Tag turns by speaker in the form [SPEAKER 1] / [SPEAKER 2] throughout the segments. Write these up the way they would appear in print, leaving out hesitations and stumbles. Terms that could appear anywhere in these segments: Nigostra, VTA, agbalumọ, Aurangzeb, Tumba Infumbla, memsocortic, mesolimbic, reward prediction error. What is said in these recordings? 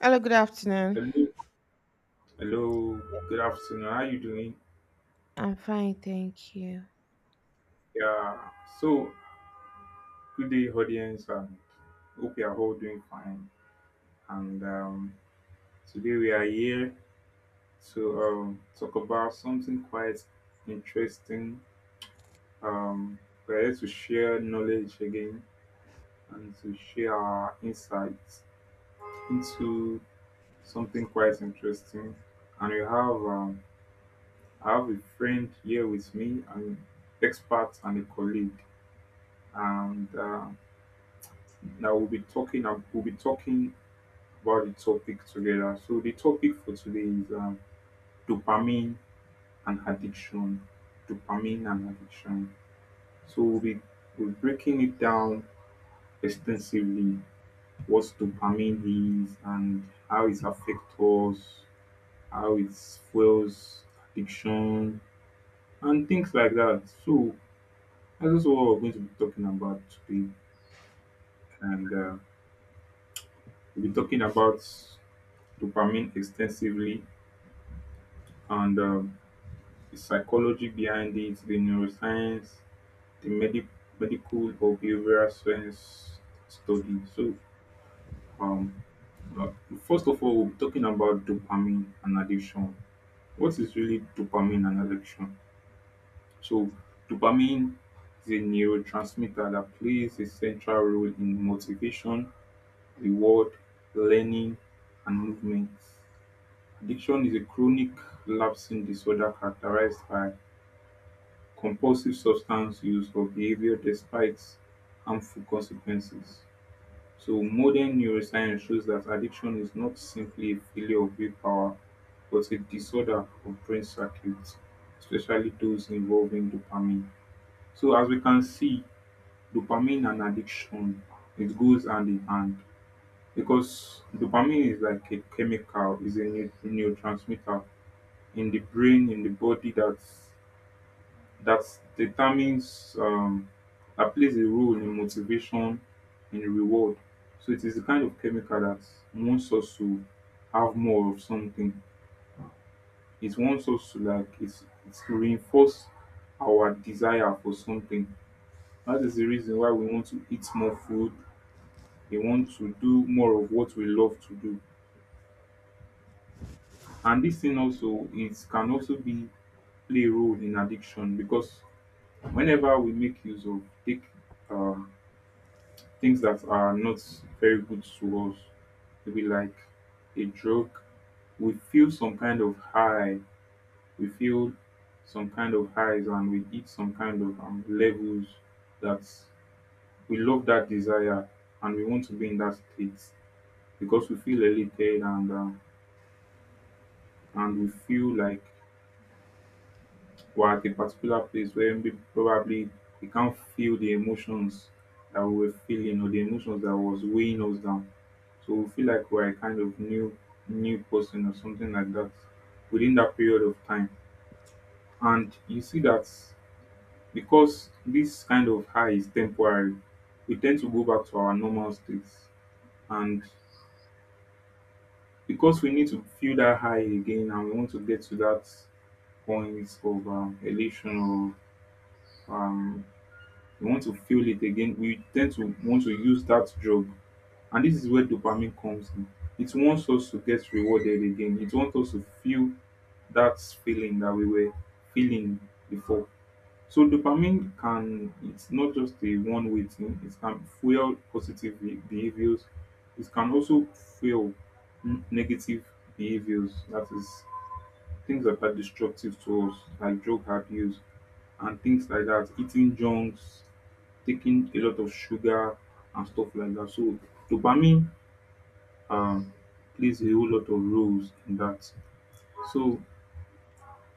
[SPEAKER 1] Hello, good afternoon.
[SPEAKER 2] Hello, hello. Good afternoon. How are you doing?
[SPEAKER 1] I'm fine, thank you.
[SPEAKER 2] Yeah. So, Good day, audience, and hope you are all doing fine. And Today we are here to talk about something quite interesting. Um, we're here to share knowledge again and to share our insights into something quite interesting. And we have I have a friend here with me, an expert and a colleague. And Now we'll be talking about the topic together. So the topic for today is dopamine and addiction. Dopamine and addiction. So we're breaking it down extensively. What dopamine is and how it affects us, how it fuels addiction, and things like that. So that's just what we're going to be talking about today, and we'll be talking about dopamine extensively and the psychology behind it, the neuroscience, the medical or behavioral science study. Um, uh, First of all, we will be talking about dopamine and addiction. What is really dopamine and addiction? So, dopamine is a neurotransmitter that plays a central role in motivation, reward, learning, and movement. Addiction is a chronic lapsing disorder characterized by compulsive substance use or behavior despite harmful consequences. So, modern neuroscience shows that addiction is not simply a failure of willpower, but a disorder of brain circuits, especially those involving dopamine. So, as we can see, dopamine and addiction it goes hand in hand because dopamine is like a chemical, is a neurotransmitter in the brain, in the body that that determines that plays a role in motivation, in reward. So it is the kind of chemical that wants us to have more of something. It wants us to like it's to reinforce our desire for something. That is the reason why we want to eat more food. We want to do more of what we love to do. And this thing also it can also be play a role in addiction because whenever we make use of take um, things that are not very good to us, maybe like a drug, we feel some kind of high, we feel some kind of highs, and we hit some kind of levels that we love that desire and we want to be in that state because we feel elated and we feel like were at a particular place where maybe probably we can't feel the emotions that we were feeling or the emotions that was weighing us down. So we feel like we're a kind of new person or something like that within that period of time. And you see that because this kind of high is temporary, we tend to go back to our normal states. And because we need to feel that high again and we want to get to that point of elation or um, we want to feel it again, we tend to want to use that drug. And this is where dopamine comes in. It wants us to get rewarded again. It wants us to feel that feeling that we were feeling before. So dopamine can it's not just a one way thing, it can fuel positive behaviors, it can also fuel negative behaviors. That is things like that are destructive to us, like drug abuse and things like that, eating junks, taking a lot of sugar and stuff like that. So dopamine um, plays a whole lot of roles in that. So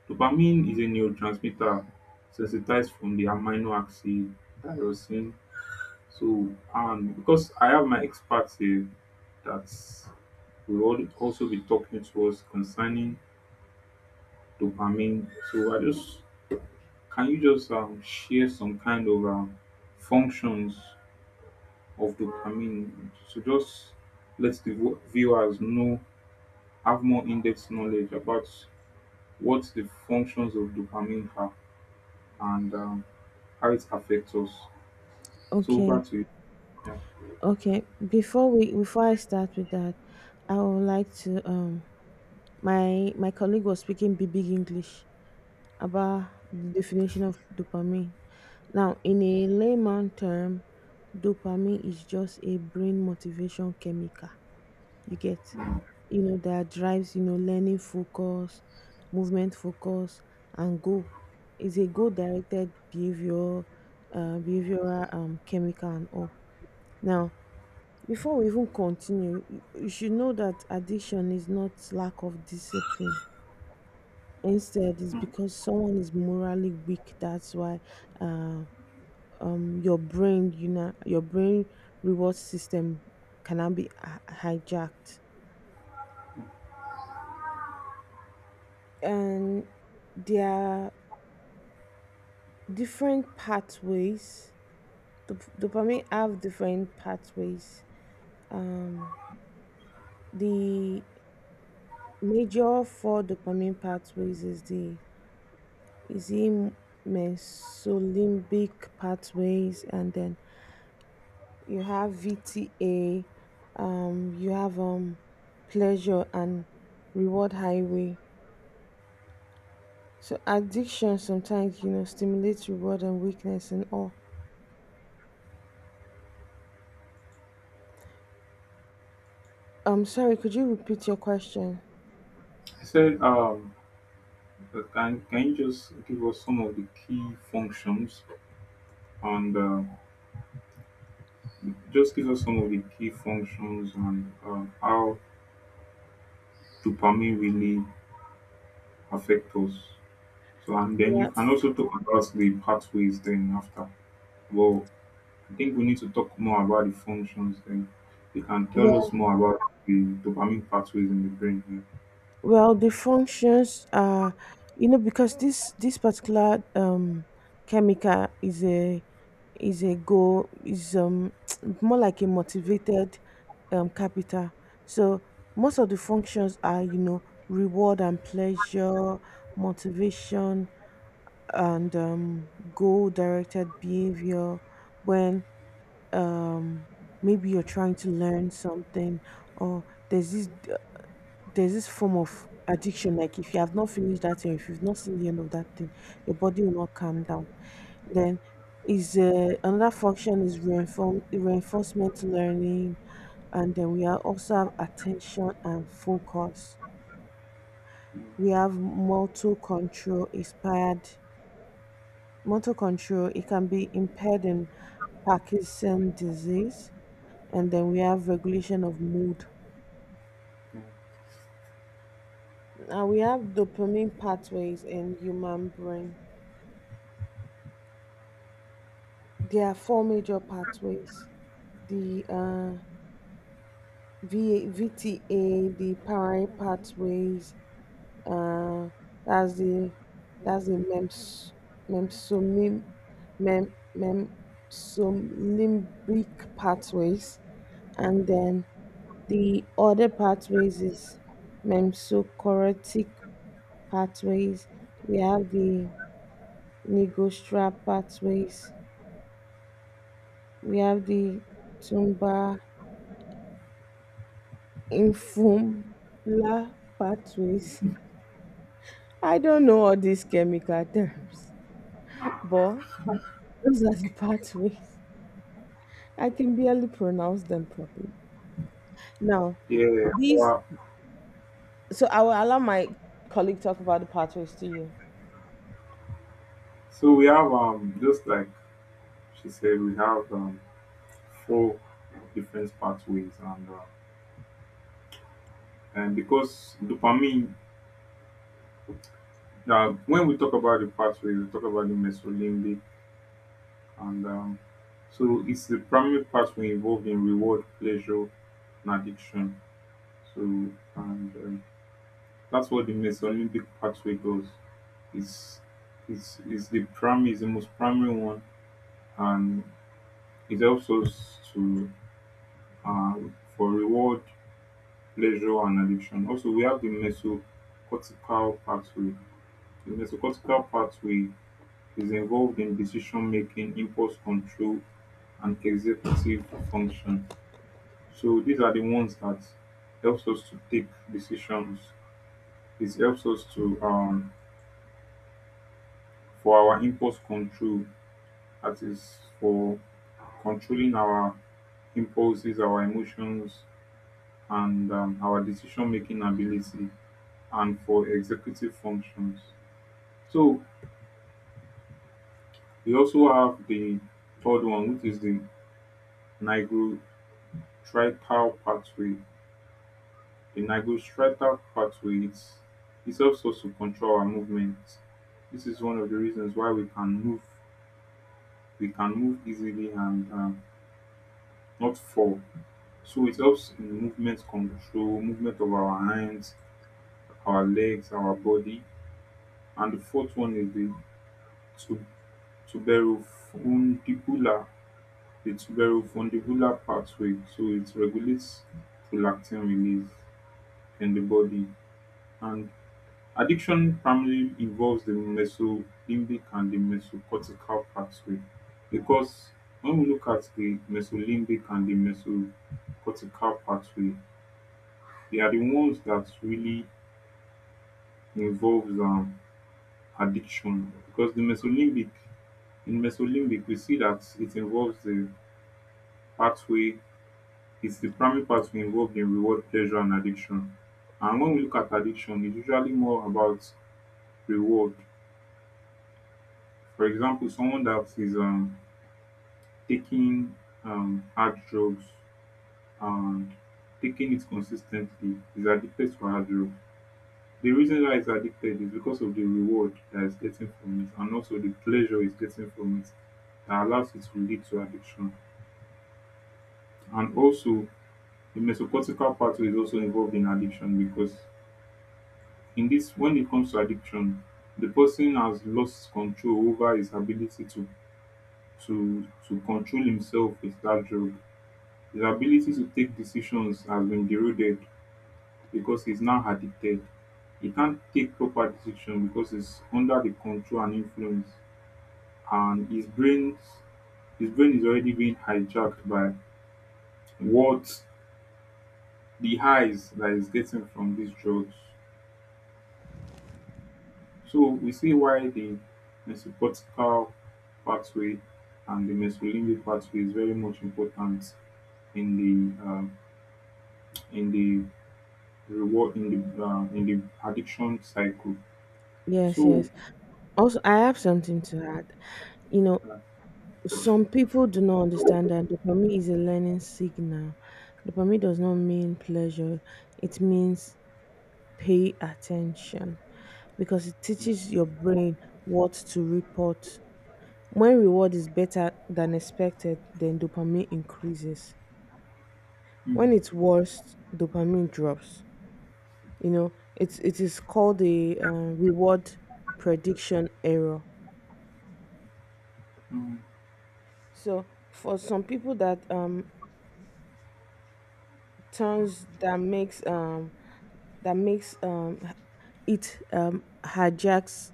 [SPEAKER 2] dopamine is a neurotransmitter sensitized from the amino acid tyrosine. So and because I have my experts here that will also be talking to us concerning dopamine. So I just Can you just share some kind of functions of dopamine? So just let the viewers know, have more in-depth knowledge about what the functions of dopamine are and how it affects us. So over
[SPEAKER 1] Okay,
[SPEAKER 2] to you. Yeah.
[SPEAKER 1] okay. Before I start with that, I would like to my colleague was speaking big English about the definition of dopamine. Now, in a layman term, dopamine is just a brain motivation chemical. You get, you know, that drives, you know, learning focus, movement focus, and goal. It's a goal directed behavior, behavioral chemical and all. Now, before we even continue, you should know that addiction is not lack of discipline. Instead, it's because someone is morally weak. That's why uh, your brain, you know, your brain reward system cannot be hijacked, and there are different pathways. Dopamine have different pathways. Um, the major four dopamine pathways is the mesolimbic pathways, and then you have VTA. You have pleasure and reward highway. So addiction sometimes, you know, stimulates reward and weakness and all. I'm sorry, could you repeat your question?
[SPEAKER 2] I said, can you just give us some of the key functions and just give us some of the key functions and how dopamine really affect us? So and then
[SPEAKER 1] Yeah.
[SPEAKER 2] you can also talk about the pathways then after. Well, I think we need to talk more about the functions then. You can tell us
[SPEAKER 1] Well,
[SPEAKER 2] more about the dopamine pathways in the brain
[SPEAKER 1] well, the functions are, you know, because this particular chemical is a go is more like a motivated capital. So most of the functions are, you know, reward and pleasure, motivation, and goal directed behavior when um maybe you're trying to learn something, or there's this d- there's this form of addiction. Like, if you have not finished that thing, if you've not seen the end of that thing, your body will not calm down. Then is another function is reinforcement learning, and then we are also have attention and focus. We have motor control inspired motor control. It can be impaired in Parkinson disease, and then we have regulation of mood. Now we have dopamine pathways in human brain. There are four major pathways: the V VTA, the parietal pathways. Uh, that's the memsomim, mem, memsolimbic pathways, and then the other pathways is memsocortic pathways. We have the Nigostra pathways. We have the Tumba Infumbla pathways. I don't know all these chemical terms, but those are the pathways. I can barely pronounce them properly. Now,
[SPEAKER 2] here. Yeah,
[SPEAKER 1] these,
[SPEAKER 2] well,
[SPEAKER 1] so I will allow my colleague talk about the pathways to you.
[SPEAKER 2] so we have just like she said, we have four different pathways and because dopamine when we talk about the pathway, we talk about the mesolimbic and so it's the primary pathway involved in reward, pleasure, and addiction. So, and That's what the Mesolympic pathway does. It's, it's the primary, is the most primary one, and it helps us to uh, for reward, pleasure, and addiction. Also, we have the mesocortical pathway. The mesocortical pathway is involved in decision making, impulse control, and executive function. So these are the ones that helps us to take decisions. It helps us to for our impulse control that is for controlling our impulses our emotions and our decision making ability and for executive functions. So we also have the third one which is the nigrostriatal pathway. The nigrostriatal pathway it helps us to control our movement. This is one of the reasons why we can move easily and not fall. So it helps in movement control, movement of our hands, our legs, our body. And the fourth one is the tu- tuberofundibular, the tuberofundibular pathway. So it regulates prolactin release in the body. And addiction primarily involves the mesolimbic and the mesocortical pathway because when we look at the mesolimbic and the mesocortical pathway, they are the ones that really involves addiction because the mesolimbic in mesolimbic we see that it involves the pathway it's the primary pathway involved in reward pleasure and addiction. And when we look at addiction it's usually more about reward. For example, someone that is taking hard drugs and taking it consistently is addicted to hard drugs. The reason why it's addicted is because of the reward that it's getting from it and also the pleasure it's getting from it that allows it to lead to addiction. And also the mesocortical pathway is also involved in addiction because in this when it comes to addiction, the person has lost control over his ability to to control himself with that drug. His ability to take decisions has been eroded because he's now addicted. He can't take proper decision because he's under the control and influence and his brain is already being hijacked by what the highs that he's getting from these drugs. So we see why the mesocortical pathway and the mesolimbic pathway is very much important in the um, in the reward in the addiction cycle.
[SPEAKER 1] Yes,
[SPEAKER 2] So
[SPEAKER 1] yes. Also, I have something to add. You know,
[SPEAKER 2] uh,
[SPEAKER 1] some people do not understand that dopamine is a learning signal. Dopamine does not mean pleasure, it means pay attention, because it teaches your brain what to report. When reward is better than expected, then dopamine increases.
[SPEAKER 2] mm,
[SPEAKER 1] When it's worse, dopamine drops. You know, it is called a reward prediction error.
[SPEAKER 2] mm,
[SPEAKER 1] So for some people that turns that makes it hijacks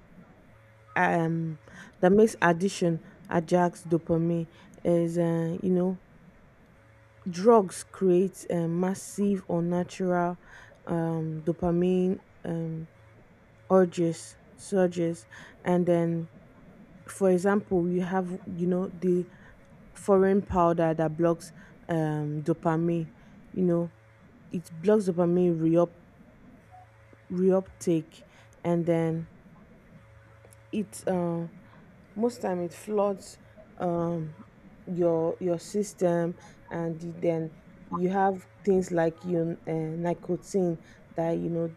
[SPEAKER 1] um that makes addiction hijacks dopamine is, you know, drugs create a massive unnatural dopamine um urges surges. And then, for example, you have, you know, the foreign powder that blocks dopamine. You know, it blocks dopamine reuptake, and then it, most time, it floods um your system. And then you have things like you, nicotine, that, you know,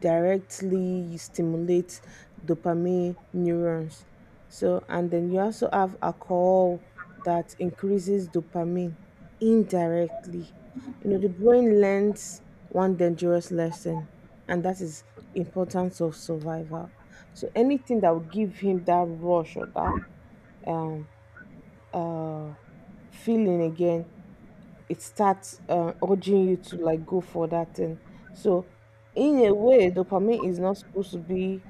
[SPEAKER 1] directly stimulates dopamine neurons. So, and then you also have alcohol that increases dopamine indirectly. You know, the brain learns one dangerous lesson, and that is importance of survival. So anything that will give him that rush or that um uh feeling again, it starts, urging you to like go for that thing. So in a way, dopamine is not supposed to be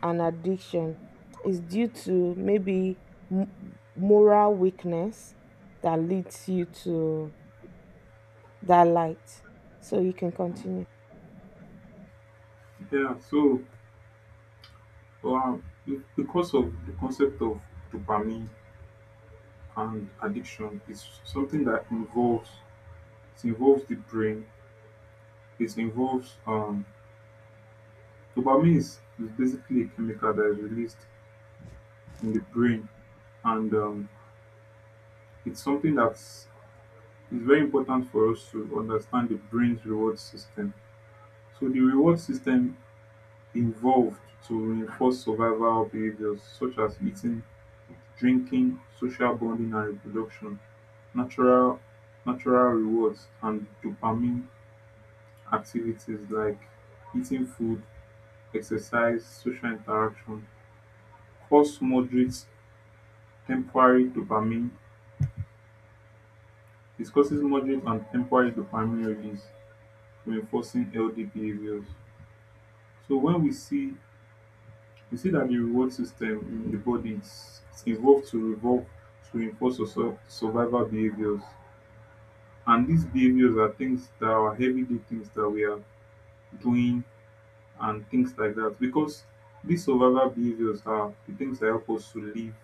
[SPEAKER 1] an addiction. It's due to maybe m- moral weakness that leads you to that light. So you can continue.
[SPEAKER 2] yeah, so uh, because of the concept of dopamine and addiction is something that involves it involves the brain it involves dopamine is basically a chemical that is released in the brain and it's something that's it's very important for us to understand the brain's reward system. So the reward system involved to reinforce survival behaviors such as eating drinking social bonding and reproduction. Natural natural rewards and dopamine. Activities like eating food, exercise, social interaction cause moderate temporary dopamine, it causes moderate and temporary dopamine release, reinforcing healthy behaviors. So when we see that the reward system in the body is it's evolved to revolve to reinforce our survival behaviors. And these behaviors are things that are everyday things that we are doing and things like that because these survival behaviors are the things that help us to live,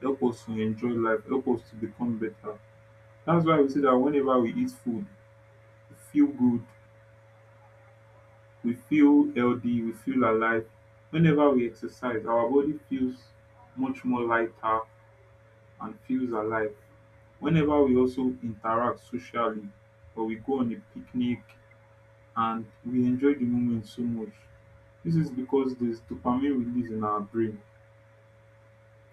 [SPEAKER 2] help us to enjoy life, help us to become better. That's why we say that whenever we eat food, we feel good, we feel healthy, we feel alive. Whenever we exercise, our body feels much more lighter and feels alive. Whenever we also interact socially or we go on a picnic and we enjoy the moment so much, this is because there's dopamine release in our brain.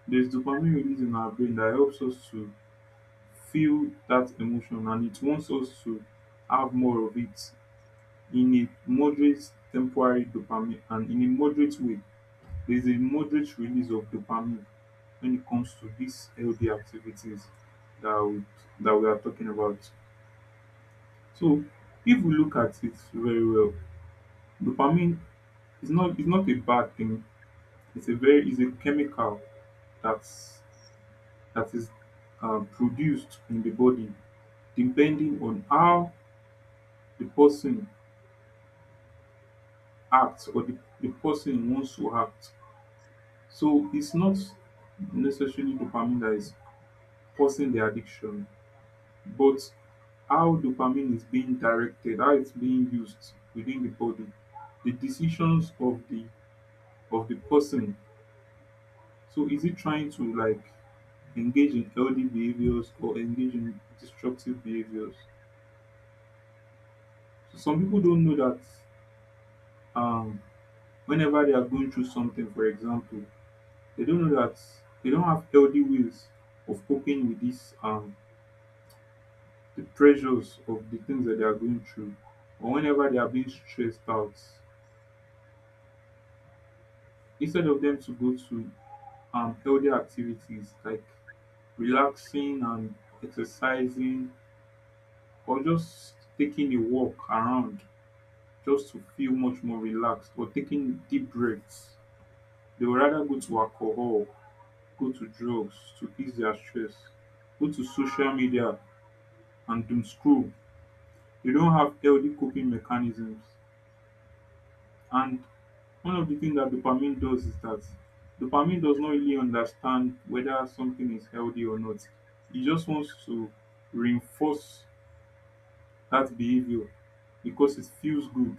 [SPEAKER 2] There's dopamine release in our brain that helps us to feel that emotion and it wants us to have more of it in a moderate temporary dopamine and in a moderate way. There's a moderate release of dopamine when it comes to these healthy activities that that we are talking about. So if we look at it very well, dopamine is not a bad thing. It's a very is a chemical that's that is produced in the body depending on how the person acts or the person wants to act. So it's not necessarily dopamine that is causing the addiction, but how dopamine is being directed, how it's being used within the body, the decisions of the person. So is it trying to engage in healthy behaviors or engage in destructive behaviors? So some people don't know that um, whenever they are going through something, for example, they don't know that they don't have healthy ways of coping with this, the pressures of the things that they are going through or whenever they are being stressed out. Instead of them to go to healthy activities like relaxing and exercising, or just taking a walk around just to feel much more relaxed, or taking deep breaths. They would rather go to alcohol, go to drugs to ease their stress, go to social media and doom scroll. You don't have healthy coping mechanisms. And one of the things that dopamine does is that dopamine does not really understand whether something is healthy or not. It just wants to reinforce that behavior because it feels good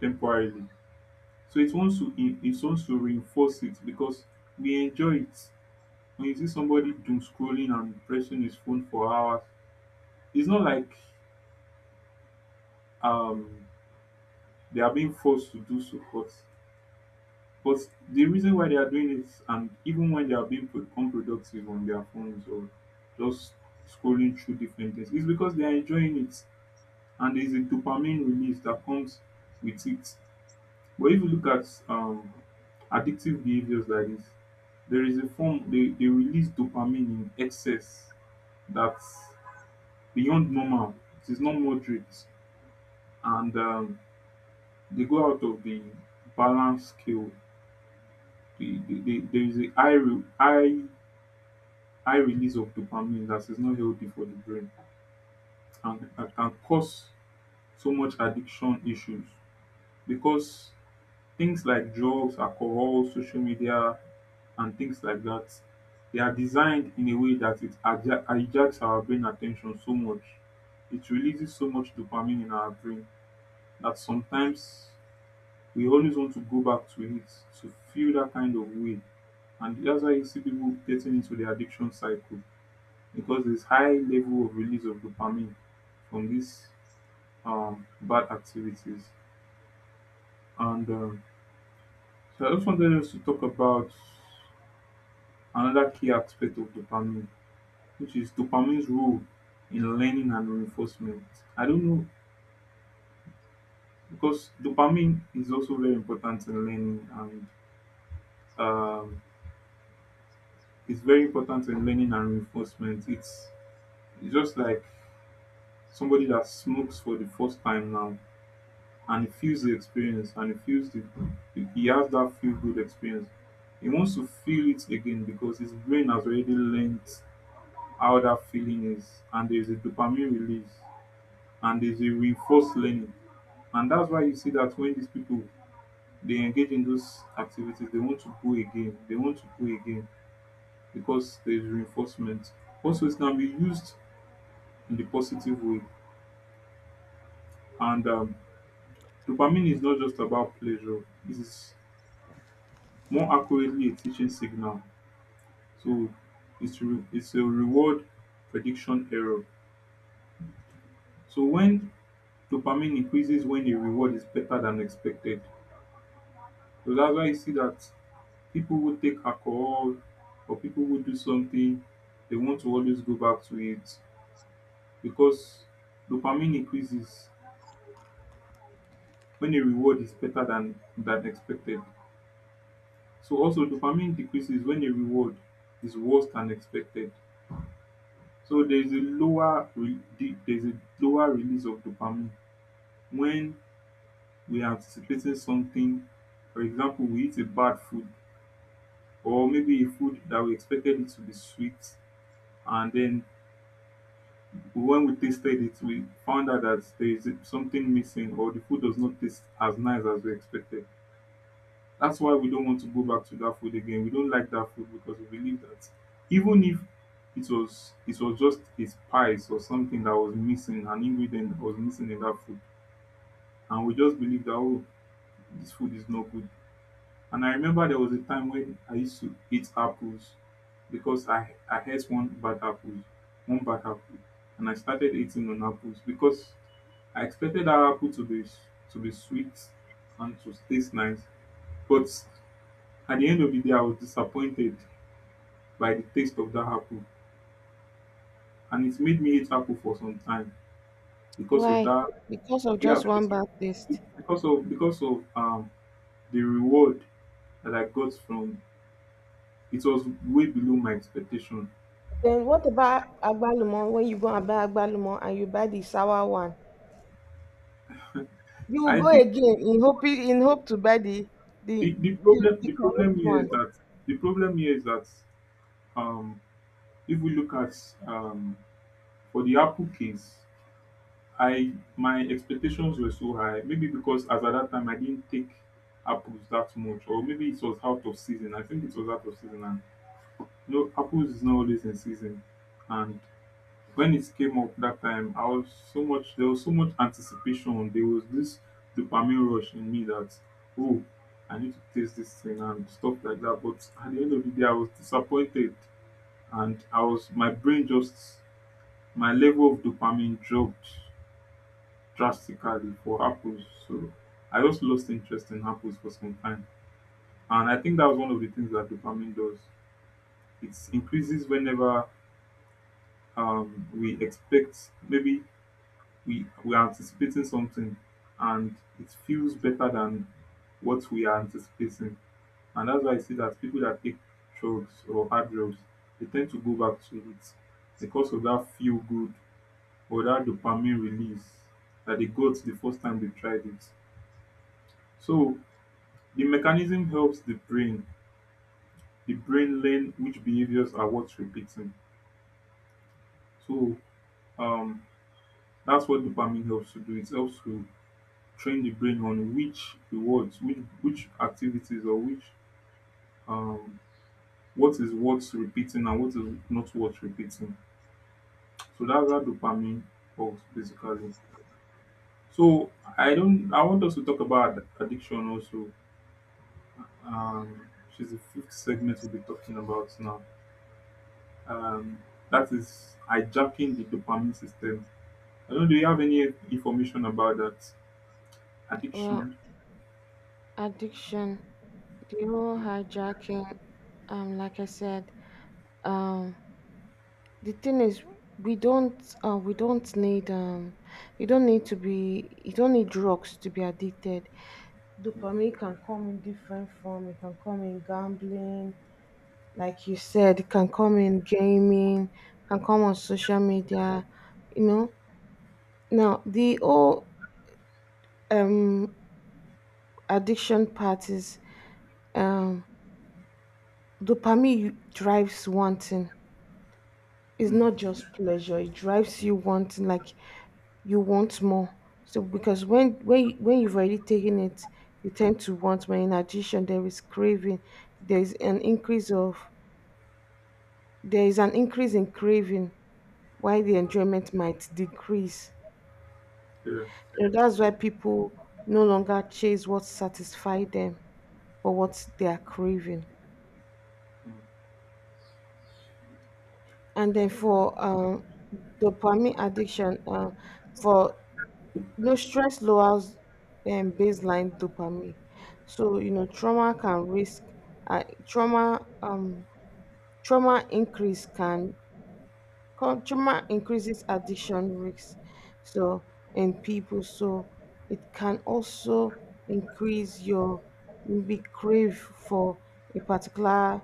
[SPEAKER 2] temporarily. So it wants to reinforce it because we enjoy it. When you see somebody doom scrolling and pressing his phone for hours, it's not like um they are being forced to do so, but But the reason why they are doing it, and even when they are being unproductive on their phones or just scrolling through different things, is because they are enjoying it, and there is a dopamine release that comes with it. But if you look at addictive behaviors like this, there is a form they release dopamine in excess that's beyond normal. It is not moderate, and they go out of the balance scale. There is a high, re- high high release of dopamine that is not healthy for the brain, and that can cause so much addiction issues, because things like drugs, alcohol, social media, and things like that, they are designed in a way that it hijacks our brain attention so much. It releases so much dopamine in our brain that sometimes we always want to go back to it to feel that kind of way. And that's why you see people getting into the addiction cycle, because this high level of release of dopamine from these bad activities. And so I just wanted us to talk about another key aspect of dopamine, which is dopamine's role in learning and reinforcement. I don't know, because dopamine is also very important in learning and, um, it's very important in learning and reinforcement. It's just like somebody that smokes for the first time now, and he feels the experience, and he has that feel good experience. He wants to feel it again because his brain has already learned how that feeling is, and there's a dopamine release and there's a reinforced learning. And that's why you see that when these people they engage in those activities, they want to go again because there's reinforcement. Also, it can be used in the positive way. And Dopamine is not just about pleasure, it is more accurately a teaching signal. So it's a reward prediction error. So when dopamine increases when the reward is better than expected. So that's why you see that people who take alcohol or people who do something, they want to always go back to it, because dopamine increases when a reward is better than expected. So also dopamine decreases when a reward is worse than expected. So there is a there is a lower release of dopamine when we anticipated something. For example, we eat a bad food, or maybe a food that we expected it to be sweet, and then when we tasted it, we found out that there is something missing, or the food does not taste as nice as we expected. That's why we don't want to go back to that food again. We don't like that food because we believe that, even if it was just a spice or something that was missing, an ingredient that was missing in that food, and we just believe that, oh, this food is not good. And I remember there was a time when I used to eat apples, because I ate one bad apple, and I started eating on apples because I expected that apple to be sweet and to taste nice. But at the end of the day, I was disappointed by the taste of that apple, and it made me eat apple for some time because of
[SPEAKER 1] Why?
[SPEAKER 2] that.
[SPEAKER 1] Because of
[SPEAKER 2] Yeah,
[SPEAKER 1] just
[SPEAKER 2] because
[SPEAKER 1] one bad taste.
[SPEAKER 2] because of the reward that I got from, it was way below my expectation.
[SPEAKER 1] Then what about agbalumọ? When you go and buy agbalumọ and you buy the sour one, you will
[SPEAKER 2] I
[SPEAKER 1] go
[SPEAKER 2] think
[SPEAKER 1] again in hope to buy the
[SPEAKER 2] the
[SPEAKER 1] the,
[SPEAKER 2] problem
[SPEAKER 1] the
[SPEAKER 2] the problem
[SPEAKER 1] correct
[SPEAKER 2] here
[SPEAKER 1] one.
[SPEAKER 2] is that, the problem here is that um if we look at, um for the Apple case, I my expectations were so high. Maybe because as at that time I didn't take apples that much, or maybe it was out of season. I think it was out of season, and you know apples is not always in season, and when it came up that time, I was so much there was so much anticipation. There was this dopamine rush in me that, oh, I need to taste this thing and stuff like that. But at the end of the day, I was disappointed, and I was my brain just, my level of dopamine dropped drastically for apples. So I just lost interest in apples for some time, and I think that was one of the things that dopamine does. It increases whenever we expect, maybe we are anticipating something, and it feels better than what we are anticipating. And that's why I see that people that take drugs or hard drugs, they tend to go back to it because of that feel good or that dopamine release that they got the first time they tried it. So the mechanism helps the brain learn which behaviors are worth repeating. So um, that's what dopamine helps to do. It helps to train the brain on which rewards, which activities, or which um what is worth repeating and what is not worth repeating. So that's how dopamine works basically. So I don't I want us to talk about addiction also. Which is the fifth segment we'll be talking about now. Um that is hijacking the dopamine system. I don't know, do you have any information about that?
[SPEAKER 1] Well,
[SPEAKER 2] Addiction.
[SPEAKER 1] addiction, the whole
[SPEAKER 2] Yeah.
[SPEAKER 1] hijacking, like I said, um, the thing is, we don't need, you don't need to be, you don't need drugs to be addicted.
[SPEAKER 2] Yeah.
[SPEAKER 1] Dopamine can come in different form. It can come in gambling, like you said, can come in gaming, can come on social media, you know. Now the whole um addiction part is, um dopamine drives wanting. It's
[SPEAKER 2] Mm,
[SPEAKER 1] not just pleasure, it drives you wanting. Like, you want more. So because when you've already taken it, you tend to want more. In addition, there is craving. There is an increase of there is an increase in craving, while the enjoyment might decrease.
[SPEAKER 2] yeah.
[SPEAKER 1] And that's why people no longer chase what satisfies them, but what they are craving.
[SPEAKER 2] Mm,
[SPEAKER 1] And then for dopamine addiction, for no stress lowers baseline dopamine. So, you know, trauma can risk, uh, trauma. Um, trauma increase can consumer increases addiction risks, so in people. So it can also increase your maybe crave for a particular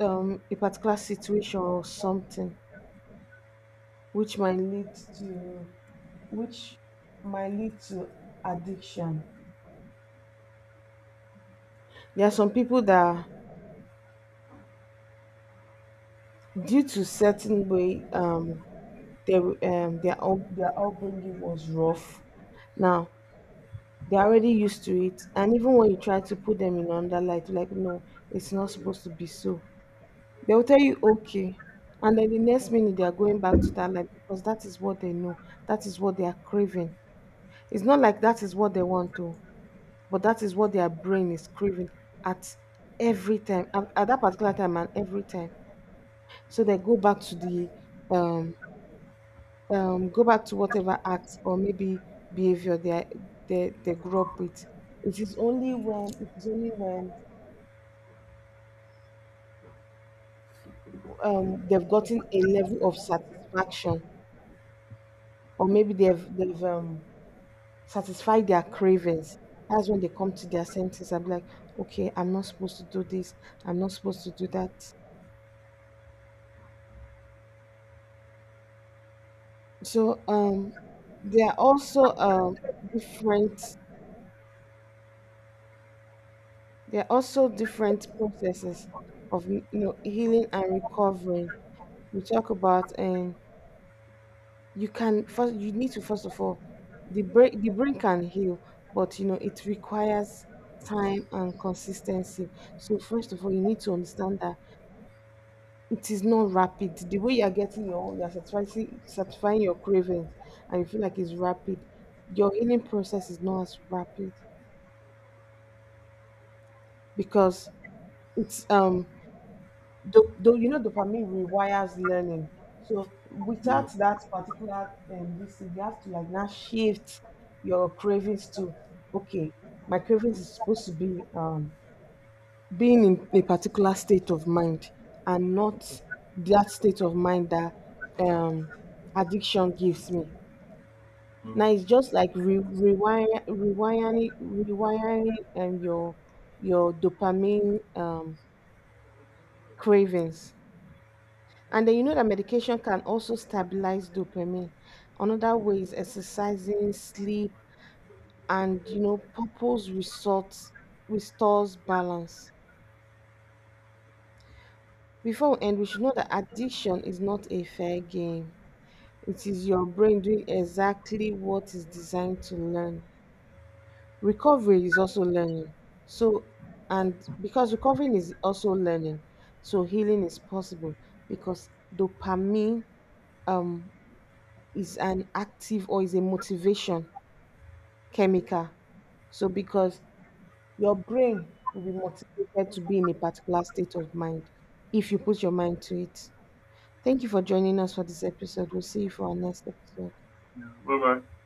[SPEAKER 1] a particular situation or something which might to which lead to addiction. There are some people that due to certain way their their upbringing was rough. Now they're already used to it. And even when you try to put them in under light, like, no, it's not supposed to be so. They'll tell you, okay. And then the next minute, they're going back to that light because that is what they know. That is what they are craving. It's not like that is what they want to, but that is what their brain is craving at every time, at that particular time and every time. So they go back to the um go back to whatever acts or maybe behavior they are, they grew up with. It is only when they've gotten a level of satisfaction, or maybe they've satisfied their cravings. That's when they come to their senses and be like, okay, I'm not supposed to do this. I'm not supposed to do that. So, there are also, different, there are also different processes of, you know, healing and recovering we talk about. And you can first, you need to first of all, the brain can heal, but, you know, it requires time and consistency. So first of all, you need to understand that it is not rapid. The way you are getting your, you're satisfying your cravings, and you feel like it's rapid, your healing process is not as rapid, because it's, you know, dopamine rewires learning. So
[SPEAKER 2] yeah.
[SPEAKER 1] without that particular this thing, you have to like now shift your cravings to, okay, my cravings is supposed to be, being in a particular state of mind, and not that state of mind that, um, addiction gives me.
[SPEAKER 2] Mm,
[SPEAKER 1] Now it's just like rewiring, and your dopamine, cravings. And then you know that medication can also stabilize dopamine. Another way is exercising, sleep, and, you know, purpose results restores balance. Before we end, we should know that addiction is not a fair game. It is your brain doing exactly what is designed to learn. Recovery is also learning. So, and because recovering is also learning, so healing is possible because dopamine um is an active, or is a motivation chemical. So because your brain will be motivated to be in a particular state of mind if you put your mind to it. Thank you for joining us for this episode. We'll see you for our next episode.
[SPEAKER 2] yeah. Bye bye.